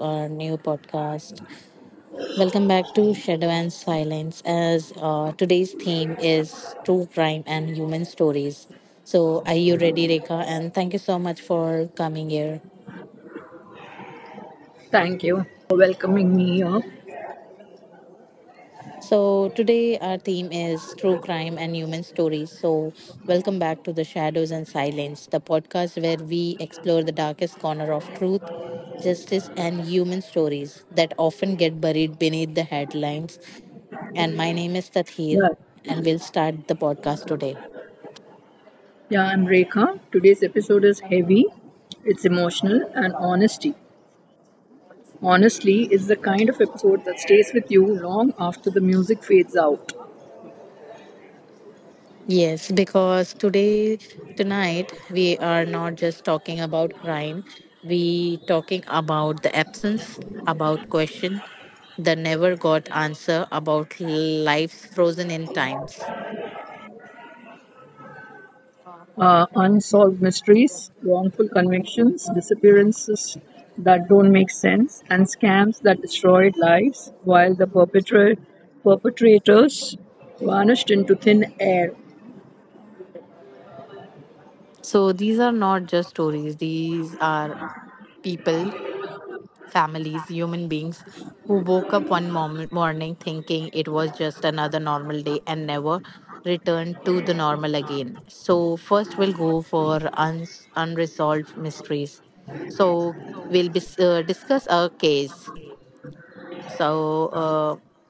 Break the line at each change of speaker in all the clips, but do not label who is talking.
our new podcast. Welcome back to Shadow and Silence. As Today's theme is true crime and human stories. So, are you ready, Rekha? And thank you so much for coming here.
Thank you for welcoming me here.
So, today our theme is true crime and human stories. So, welcome back to The Shadows and Silence, the podcast where we explore the darkest corner of truth, justice, and human stories that often get buried beneath the headlines. And my name is Tathir,
Yeah,
and we'll start the podcast today.
yeah, I'm Rekha. Today's episode is heavy, it's emotional, and honesty. Honestly is the kind of episode that stays with you long after the music fades out.
Yes, because today, tonight, we are not just talking about crime. We talking about the absence, about question, the never got answer, about lives frozen in times.
Unsolved mysteries, wrongful convictions, disappearances that don't make sense, and scams that destroyed lives while the perpetrators vanished into thin air.
So these are not just stories. These are people. Families, human beings who woke up one morning thinking it was just another normal day and never returned to the normal again. So, first we'll go for unresolved mysteries. So, we'll discuss a case. So, uh,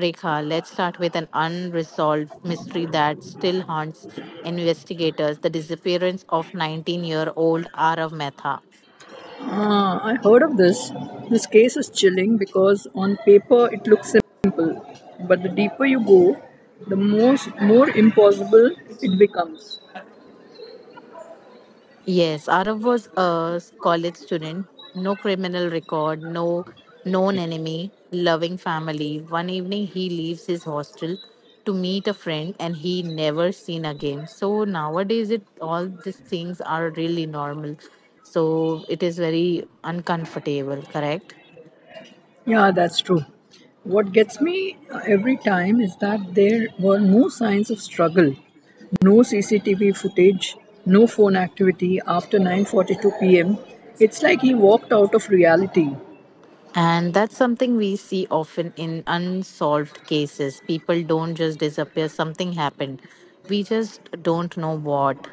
Rekha, let's start with an unresolved mystery that still haunts investigators the disappearance of 19-year-old year old Arav Mehta.
I heard of this. This case is chilling because on paper it looks simple, but the deeper you go, the most more impossible it becomes.
Yes, Arav was a college student, no criminal record, no known enemy, loving family. One evening he leaves his hostel to meet a friend and he never seen again. So nowadays it all these things are really normal. So it is very uncomfortable, correct?
Yeah, that's true. What gets me every time is that there were no signs of struggle, no CCTV footage, no phone activity after 9:42 p.m. It's like he walked out of reality.
And that's something we see often in unsolved cases. People don't just disappear, something happened. We just don't know what.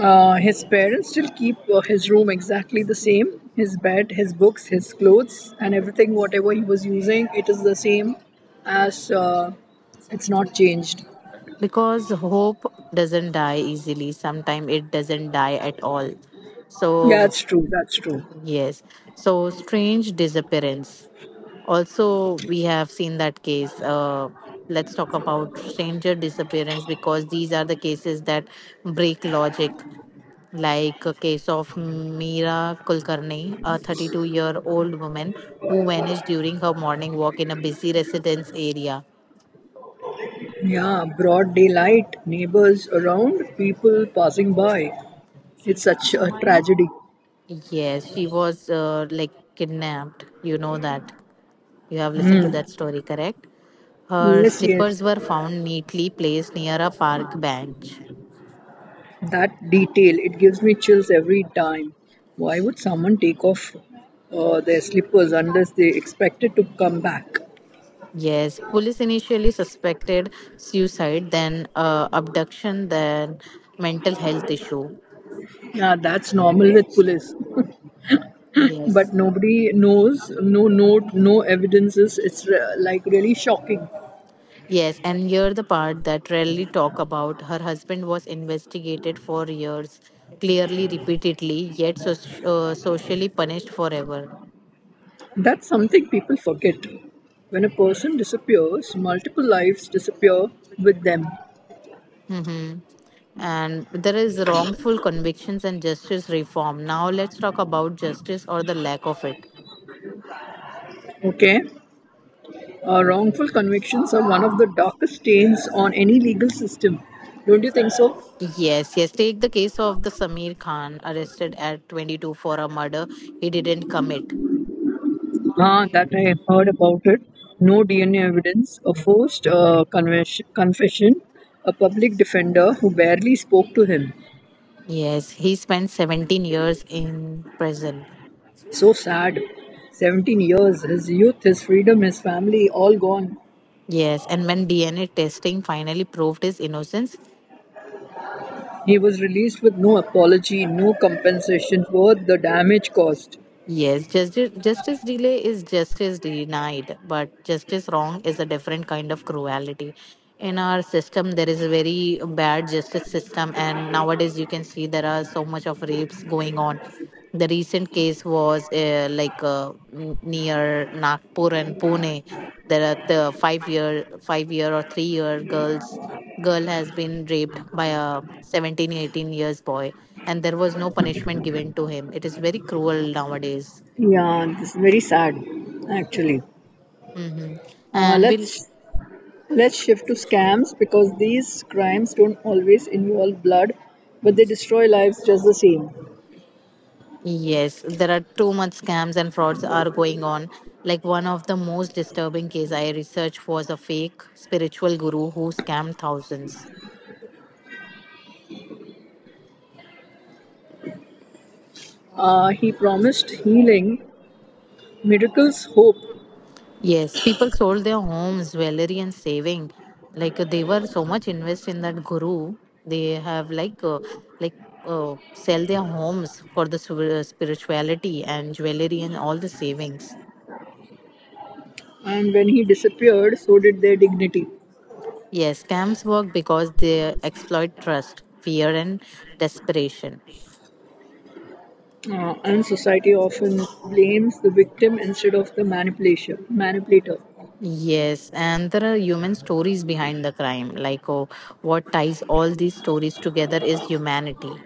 His parents still keep his room exactly the same, his bed, his books, his clothes, and everything, whatever he was using, it is the same as it's not changed.
Because hope doesn't die easily, sometimes it doesn't die at all.
Yeah,
So
it's true. That's true.
yes, so strange disappearance, also we have seen that case. Let's talk about stranger disappearance because these are the cases that break logic, like a case of Meera Kulkarni, a 32-year-old year old woman who vanished during her morning walk in a busy residence area.
Yeah, broad daylight, neighbors around, people passing by. It's such a tragedy.
Yes, she was like kidnapped. You know that. You have listened to that story, correct? Her
Yes, yes.
slippers were found neatly placed near a park bench.
That detail, it gives me chills every time. Why would someone take off their slippers unless they expected to come back?
Yes, police initially suspected suicide, then abduction, then mental health issue.
Yeah, that's normal with police,
Yes.
but nobody knows, no note, no evidences. It's like really shocking.
Yes, and here the part that rarely talk about. Her husband was investigated for years, clearly repeatedly, yet socially punished forever.
That's something people forget. When a person disappears, multiple lives disappear with them.
Mm-hmm. And there is wrongful convictions and justice reform. Now let's talk about justice or the lack of it.
Okay? Wrongful convictions are one of the darkest stains on any legal system. Don't you think so?
Yes, yes. Take the case of the Samir Khan arrested at 22 for a murder he didn't commit.
Ah, that I have heard about it. No DNA evidence, a forced confession, a public defender who barely spoke to him.
Yes, he spent 17 years in prison.
So sad. 17 years, his youth, his freedom, his family, all gone.
Yes, and when DNA testing finally proved his innocence,
He was released with no apology, no compensation for the damage caused.
yes, justice, justice delay is justice denied, but justice wrong is a different kind of cruelty. In our system, there is a very bad justice system, and nowadays you can see there are so much of rapes going on. The recent case was n- near Nagpur and Pune. There are the 5 year, 5 year or 3 year girl has been raped by a 17, 18 years boy and there was no punishment given to him. It is very cruel nowadays.
Yeah, this is very sad, actually.
hmm
Uh,
and we'll,
let's let's shift to scams because these crimes don't always involve blood, but they destroy lives just the same.
yes, there are too much scams and frauds are going on. Like one of the most disturbing case I researched was a fake spiritual guru who scammed thousands.
He promised healing, miracles, hope.
Yes, people sold their homes, jewelry, and saving. Like they were so much invested in that guru, they have like sell their homes for the spirituality and jewelry and all the savings.
And when he disappeared, so did their dignity.
Yes, scams work because they exploit trust, fear, and desperation.
And society often blames the victim instead of the manipulator.
Yes, and there are human stories behind the crime. Like oh, what ties all these stories together is humanity.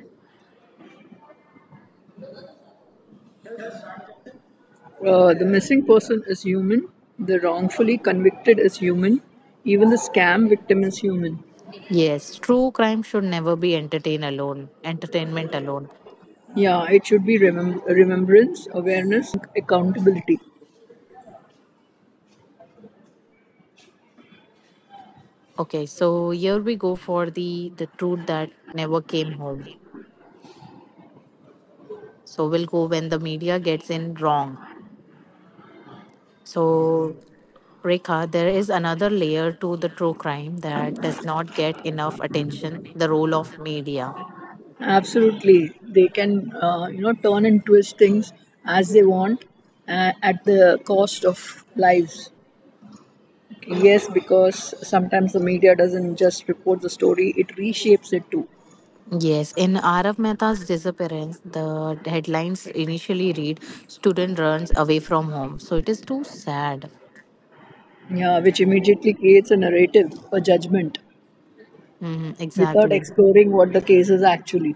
The missing person is human, the wrongfully convicted is human, even the scam victim is human.
Yes, true crime should never be entertain alone. Entertainment alone.
Yeah, it should be remembrance, awareness, and accountability.
Okay, so here we go for the truth that never came home. So we'll go when the media gets in wrong. So Rekha, there is another layer to the true crime that does not get enough attention, the role of media.
Absolutely, they can turn and twist things as they want at the cost of lives. Yes, because sometimes the media doesn't just report the story, it reshapes it too.
Yes, in Arav Mehta's disappearance, the headlines initially read student runs away from home. So it is too sad.
Yeah, which immediately creates a narrative for judgment
Mhm,
without
exactly.
exploring what the case is actually.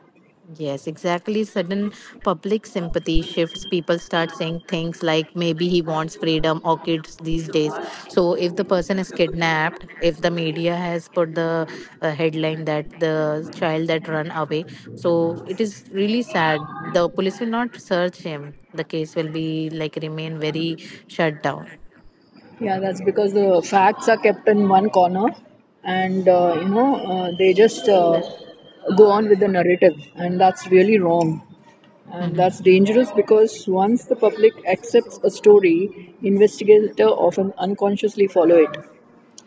Yes, exactly. Sudden public sympathy shifts. People start saying things like maybe he wants freedom or kids these days. So, if the person is kidnapped, if the media has put the headline that the child that run away, so it is really sad. The police will not search him. The case will be like remain very shut down.
Yeah, that's because the facts are kept in one corner and, they just go on with the narrative, and that's really wrong. And
Mhm.
that's dangerous because once the public accepts a story, investigator often unconsciously follow it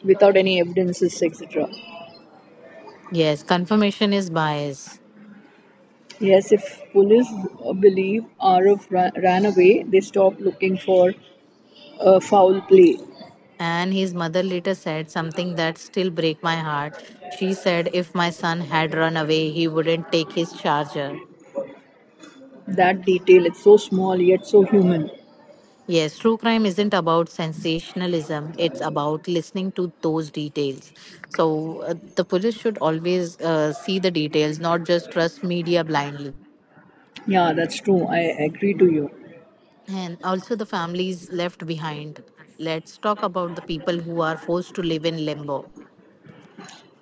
without any evidences, etc.
Yes, confirmation is bias.
Yes, if police believe Arav ran away, they stop looking for a foul play.
And his mother later said something that still break my heart. She said if my son had run away, he wouldn't take his charger.
That detail, it's so small yet so human.
Yes, true crime isn't about sensationalism, it's about listening to those details. So the police should always see the details, not just trust media blindly.
Yeah, that's true. I agree to you.
And also the families left behind. Let's talk about the people who are forced to live in limbo.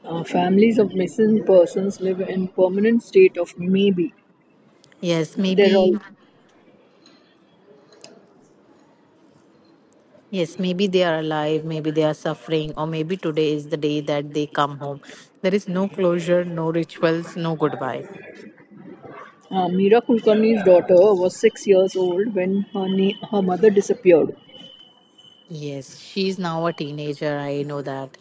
Families of missing persons live in permanent state of maybe.
Yes,
They're all.
maybe, yes, maybe they are alive, maybe they are suffering, or maybe today is the day that they come home. There is no closure, no rituals, no goodbye.
Meera Kulkarni's daughter was 6 years old when her mother disappeared.
Yes, she's now a teenager, I know that.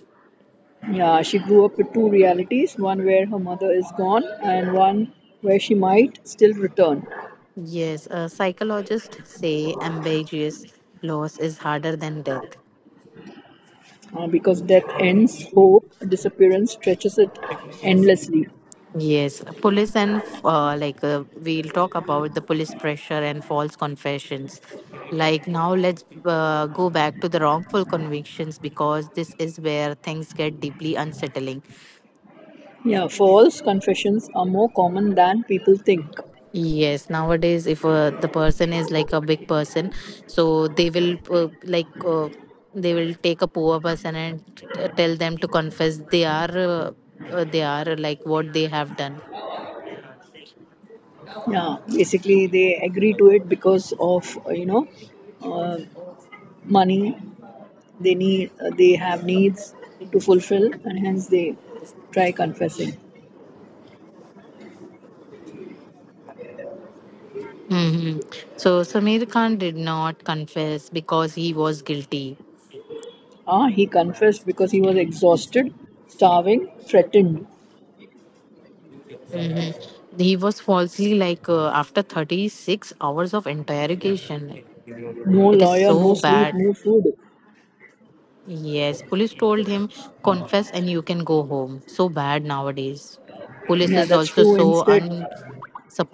Yeah, she grew up with 2 realities: one where her mother is gone, and one where she might still return.
Yes, psychologists say ambiguous loss is harder than death.
Because death ends hope, disappearance stretches it endlessly.
Yes, police, and we'll talk about the police pressure and false confessions. Like now, let's go back to the wrongful convictions because this is where things get deeply unsettling.
Yeah, false confessions are more common than people think.
Yes, nowadays, if the person is like a big person, so they will they will take a poor person and tell them to confess they are like what they have done.
Yeah, basically they agree to it because of uh, money they need, they have needs to fulfill and hence they try confessing.
hmm So Samir Khan did not confess because he was guilty.
Ah, he confessed because he was exhausted, starving, threatened.
hmm He was falsely, like after 36 hours of interrogation.
No
It is
lawyer, no
so
sleep,
bad.
no food.
Yes, police told him, confess and you can go home. So bad nowadays. Police
Yeah,
is
that's
also
true.
so
Instead,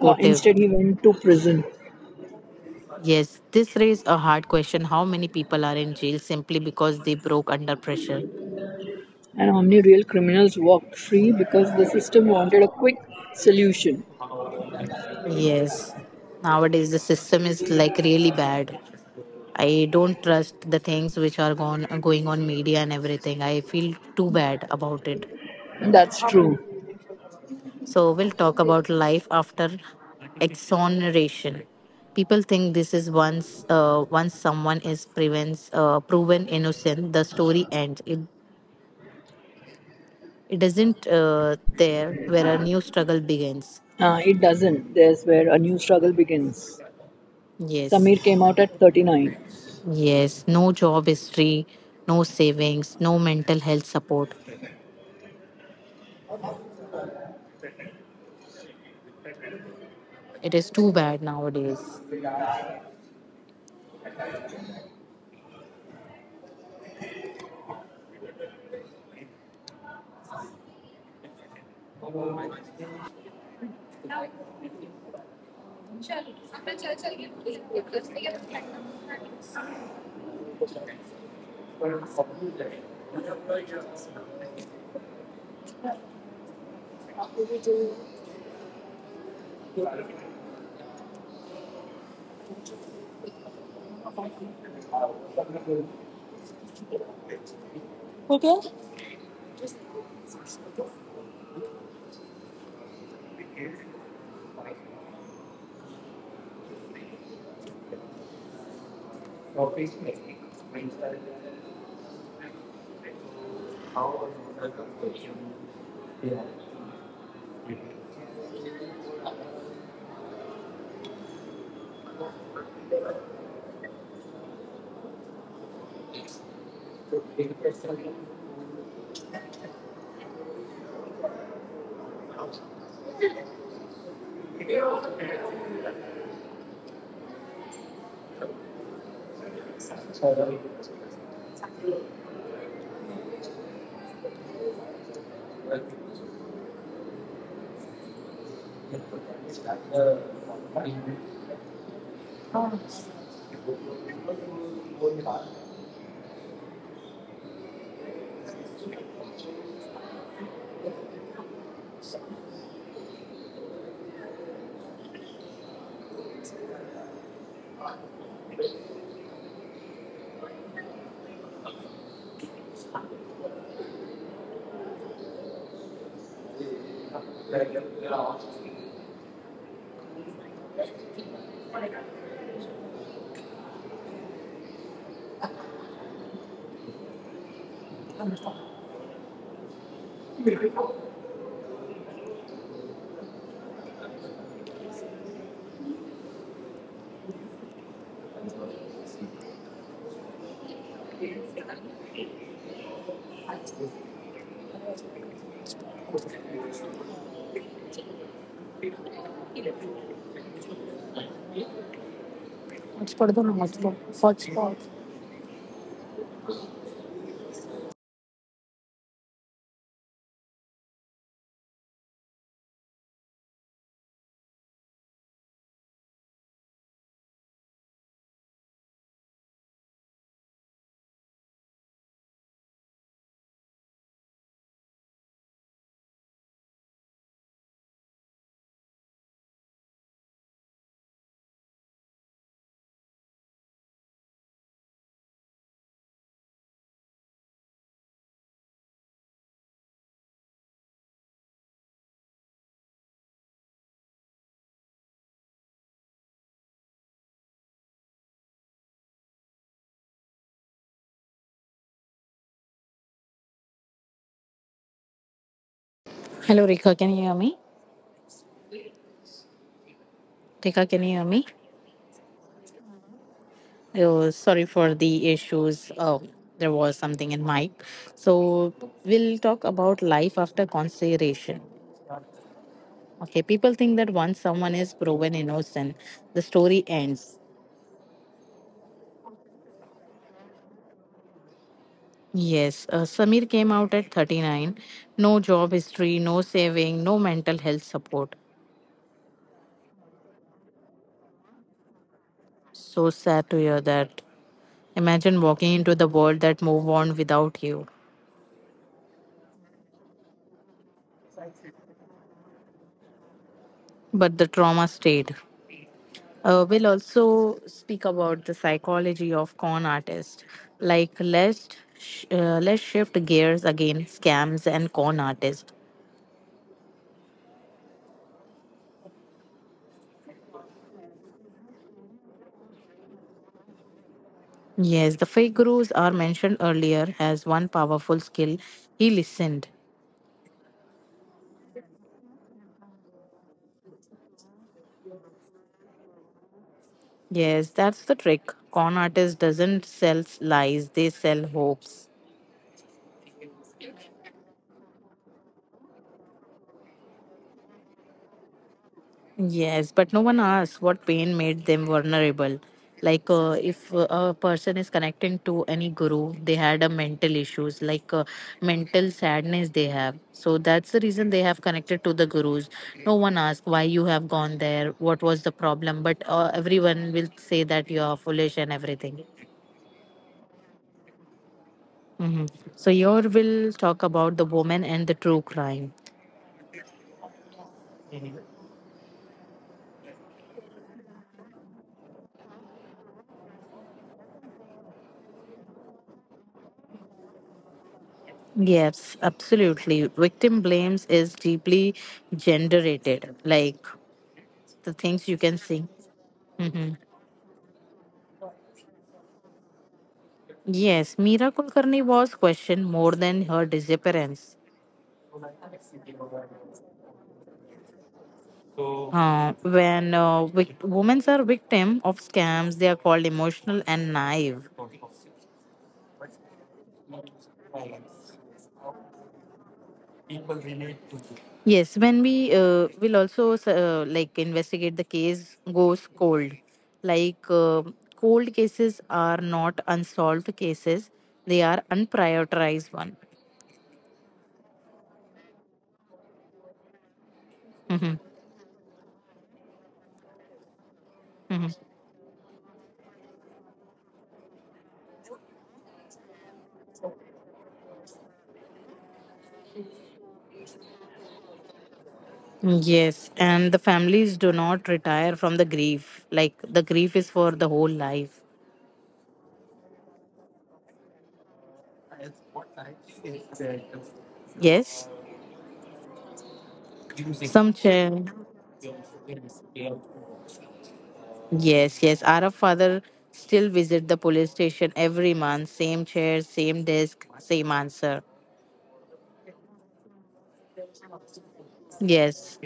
uh, instead he went to prison.
Yes, this raised a hard question: how many people are in jail simply because they broke under pressure?
And how many real criminals walked free because the system wanted a quick solution?
Yes, nowadays the system is like really bad. I don't trust the things which are gone, going on media and everything. I feel too bad about it.
That's true.
So we'll talk about life after exoneration. People think this is, once someone is proven innocent, the story ends. It isn't, there where a new struggle begins.
It doesn't. There's where a new struggle begins.
Yes,
Samir came out at 39.
yes. No job is free, no savings, no mental health support. It is too bad nowadays. Hello, Rika. Can you hear me? Rika, can you hear me? Oh, sorry for the issues. Oh, there was something in mic. So we'll talk about life after consideration. Okay, people think that once someone is proven innocent, the story ends. Yes, Samir came out at 39. No job history, no saving, no mental health support. So sad to hear that. Imagine walking into the world that moved on without you. But the trauma stayed. We'll also speak about the psychology of con artists. Like, let's let's shift gears again. Scams and con artists. Yes, the fake gurus are mentioned earlier has one powerful skill. He listened. Yes, that's the trick. Con artist doesn't sell lies; they sell hopes. Yes, but no one asks what pain made them vulnerable. Like if a person is connecting to any guru, they had a mental issues, like mental sadness they have. So that's the reason they have connected to the gurus. No one asks why you have gone there, what was the problem, but everyone will say that you are foolish and everything. hmm So your will talk about the woman and the true crime. Yes, absolutely. Victim blames is deeply generated. Like the things you can see. hmm Yes, Meera Kulkarni was questioned more than her disappearance. When women are victim of scams, they are called emotional and naive. Yes, when we, will also investigate the case goes cold. Like cold cases are not unsolved cases; they are unprioritized one. Mhm. Yes, and the families do not retire from the grief. Like the grief is for the whole life. Yes. Some chair. Yes, yes. Our father still visit the police station every month. Same chair, same desk, same answer. Yes,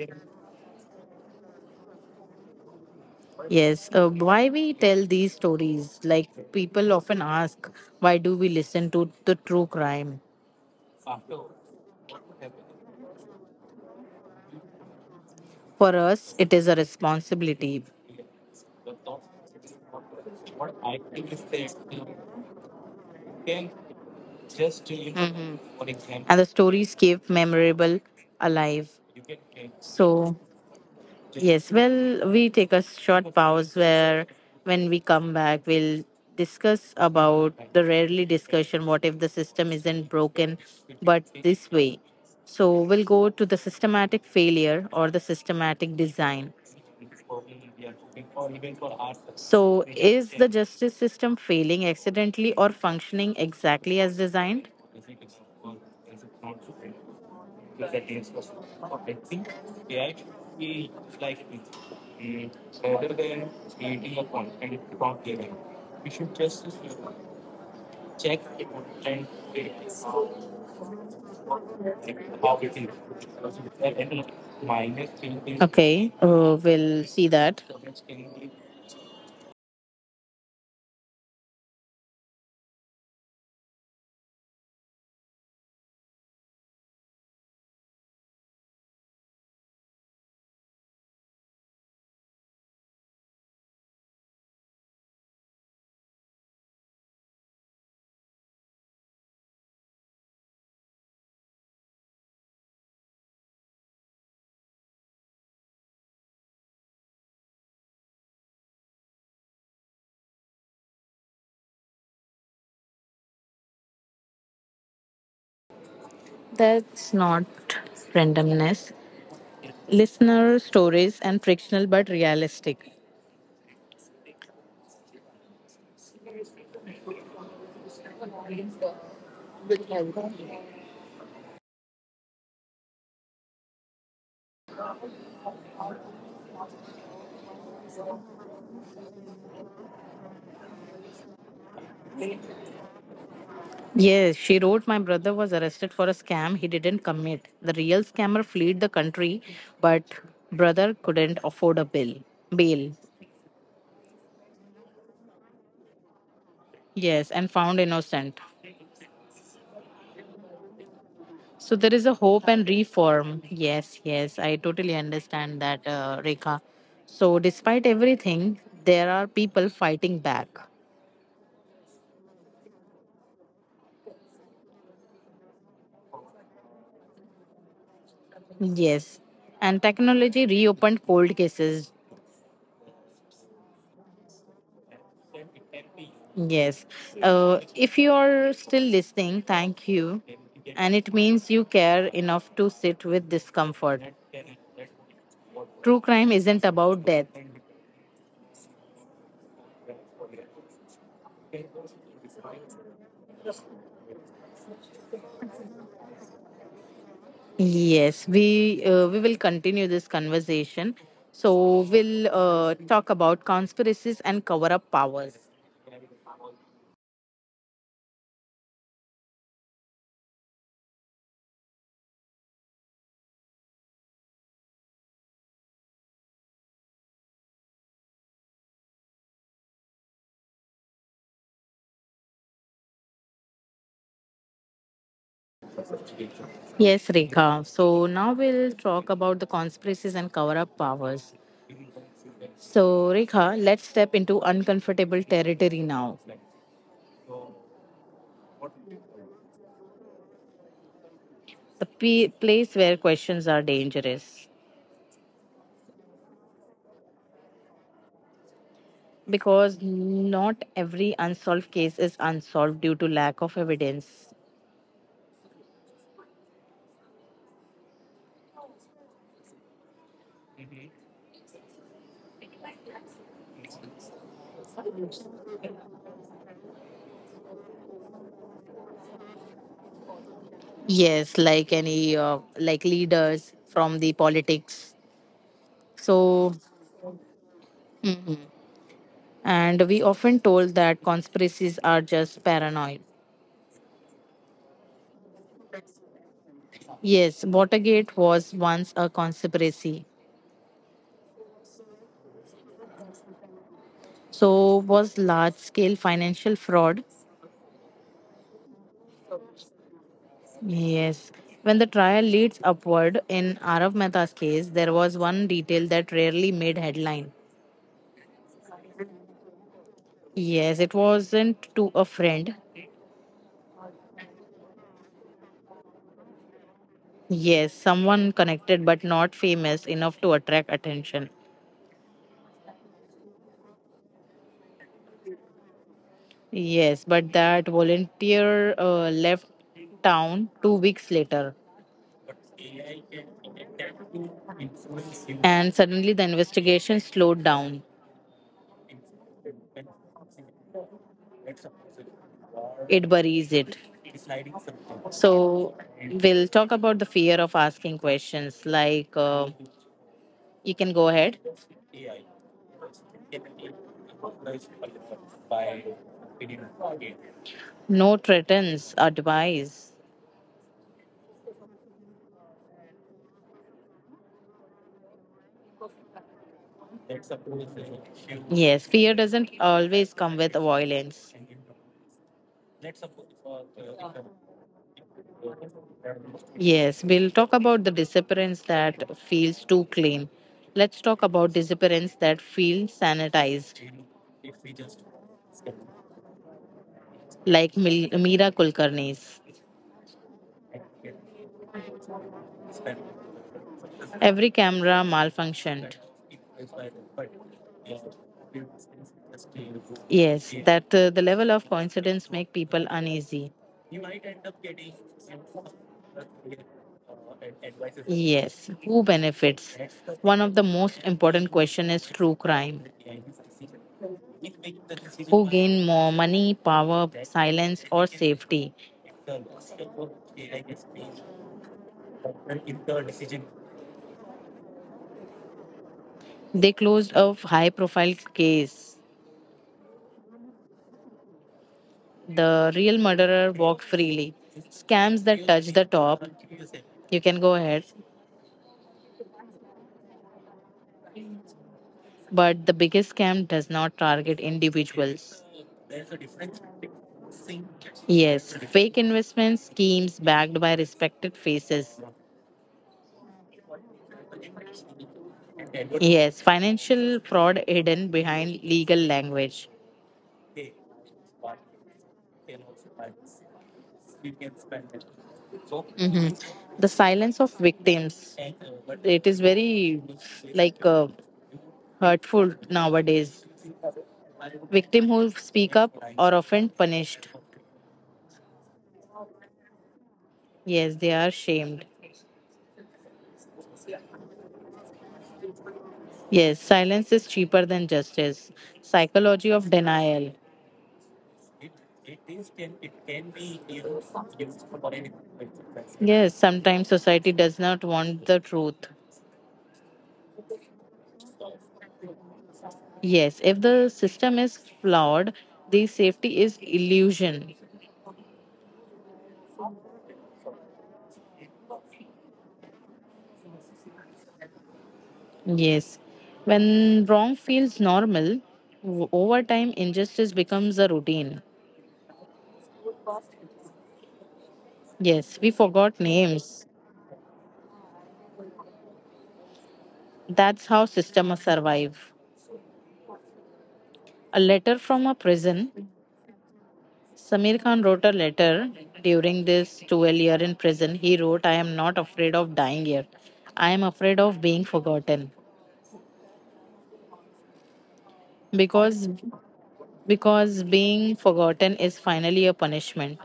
yes. Why we tell these stories? Like people often ask, why do we listen to the true crime? For us, it is a responsibility. Hmm And the stories keep memorable alive. So, yes, well, we take a short pause, where when we come back, we'll discuss about the rarely discussion, what if the system isn't broken, but this way. So, we'll go to the systematic failure or the systematic design. So, is the justice system failing accidentally or functioning exactly as designed? Okay, we'll see that. That's not randomness. Listener stories and frictional but realistic. Yes, she wrote, my brother was arrested for a scam he didn't commit. The real scammer fled the country, but brother couldn't afford a bill. Bail. Yes, and found innocent. So there is a hope and reform. Yes, yes, I totally understand that, Rekha. So despite everything, there are people fighting back. Yes, and technology reopened cold cases. Yes. If you are still listening, thank you. And it means you care enough to sit with discomfort. True crime isn't about death. Yes, we will continue this conversation. So we'll talk about conspiracies and cover up powers. Yes, Rekha. So now we'll talk about the conspiracies and cover up powers. So, Rekha, let's step into uncomfortable territory now. The place where questions are dangerous. Because not every unsolved case is unsolved due to lack of evidence. Yes, like any, like leaders from the politics. So, mhm. And we often told that conspiracies are just paranoid. Yes, Watergate was once a conspiracy. So was large scale financial fraud. Yes. When the trial leads upward, in Arav Mehta's case, there was one detail that rarely made headline. Yes, it wasn't to a friend. Yes, someone connected but not famous enough to attract attention. Yes, but that volunteer left town 2 weeks later. And suddenly the investigation slowed down. It buries it. So we'll talk about the fear of asking questions. Like you can go ahead. No threatens advice. Yes, fear doesn't always come with violence. Yes, we'll talk about the disappearance that feels too clean. Let's talk about disappearance that feels sanitized. Like Meera Kulkarni's. Every camera malfunctioned. Yes, that the level of coincidence make people uneasy. Yes, who benefits? One of the most important question is true crime. Who gain more money, power, silence, or safety? They closed a high-profile case. The real murderer walked freely. Scams that touch the top, you can go ahead, but the biggest scam does not target individuals. Yes, fake investment schemes backed by respected faces. Yes, financial fraud hidden behind legal language. Mhm. The silence of victims, it is very like hurtful nowadays. Victim who speak up are often punished. Yes, they are shamed. Yes, silence is cheaper than justice. Psychology of denial. Yes, sometimes society does not want the truth. Yes, if the system is flawed, the safety is illusion. Yes. When wrong feels normal, over time injustice becomes a routine. Yes, we forgot names. That's how systems survive. A letter from a prison. Samir Khan wrote a letter during this 12 year in prison. He wrote, I am not afraid of dying here. I am afraid of being forgotten. Because because being forgotten is finally a punishment.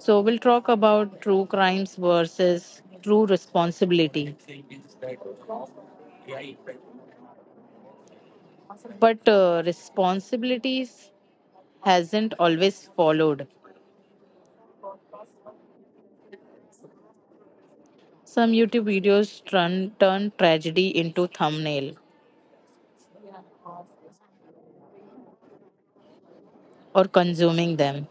So we'll talk about true crimes versus true responsibility. But responsibilities hasn't always followed. Some YouTube videos turn tragedy into thumbnail or consuming them.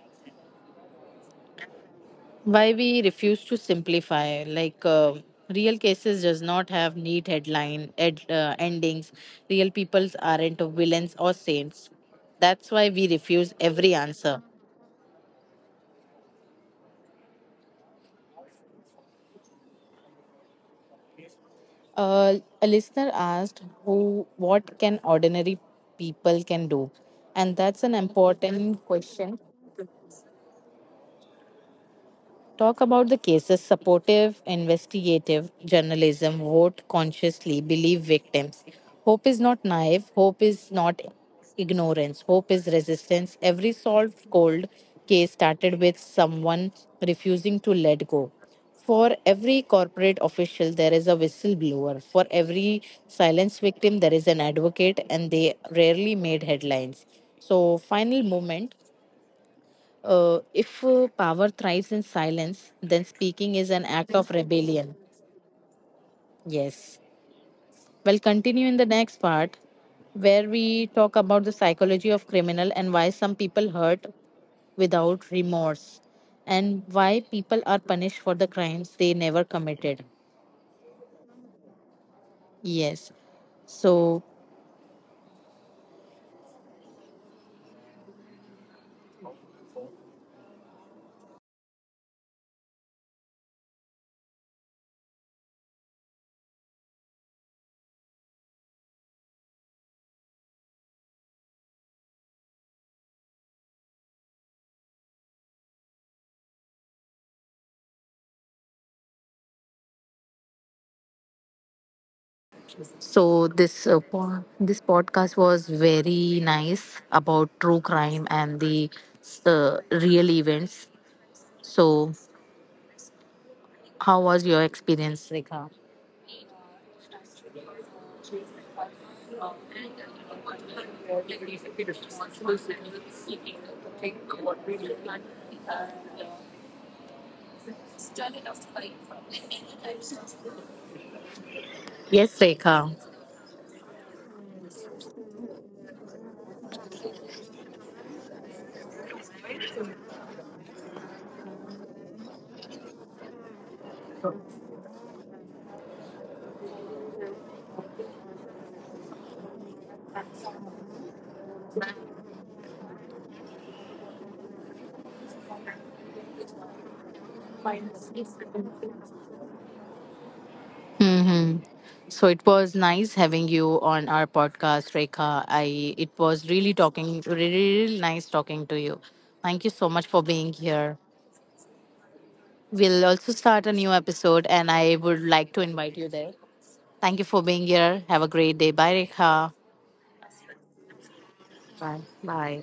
Why we refuse to simplify? Like real cases does not have neat headline endings. Real peoples aren't villains or saints. That's why we refuse every answer. Uh, a listener asked who what can ordinary people can do, and that's an important question. Talk about the cases supportive, investigative journalism, vote consciously, believe victims. Hope is not naive, hope is not ignorance, hope is resistance. Every solved cold case started with someone refusing to let go. For every corporate official, there is a whistleblower. For every silence victim, there is an advocate, and they rarely made headlines. So, final moment, if power thrives in silence, then speaking is an act of rebellion. Yes. Well, continue in the next part where we talk about the psychology of criminal and why some people hurt without remorse and why people are punished for the crimes they never committed. Yes. So so this this podcast was very nice about true crime and the real events. So how was your experience, Rekha? Yes, Rekha. Hmm. So it was nice having you on our podcast, Rekha. I It was really talking, really, really nice talking to you. Thank you so much for being here. We'll also start a new episode, and I would like to invite you there. Thank you for being here. Have a great day. Bye, Rekha. Bye. Bye.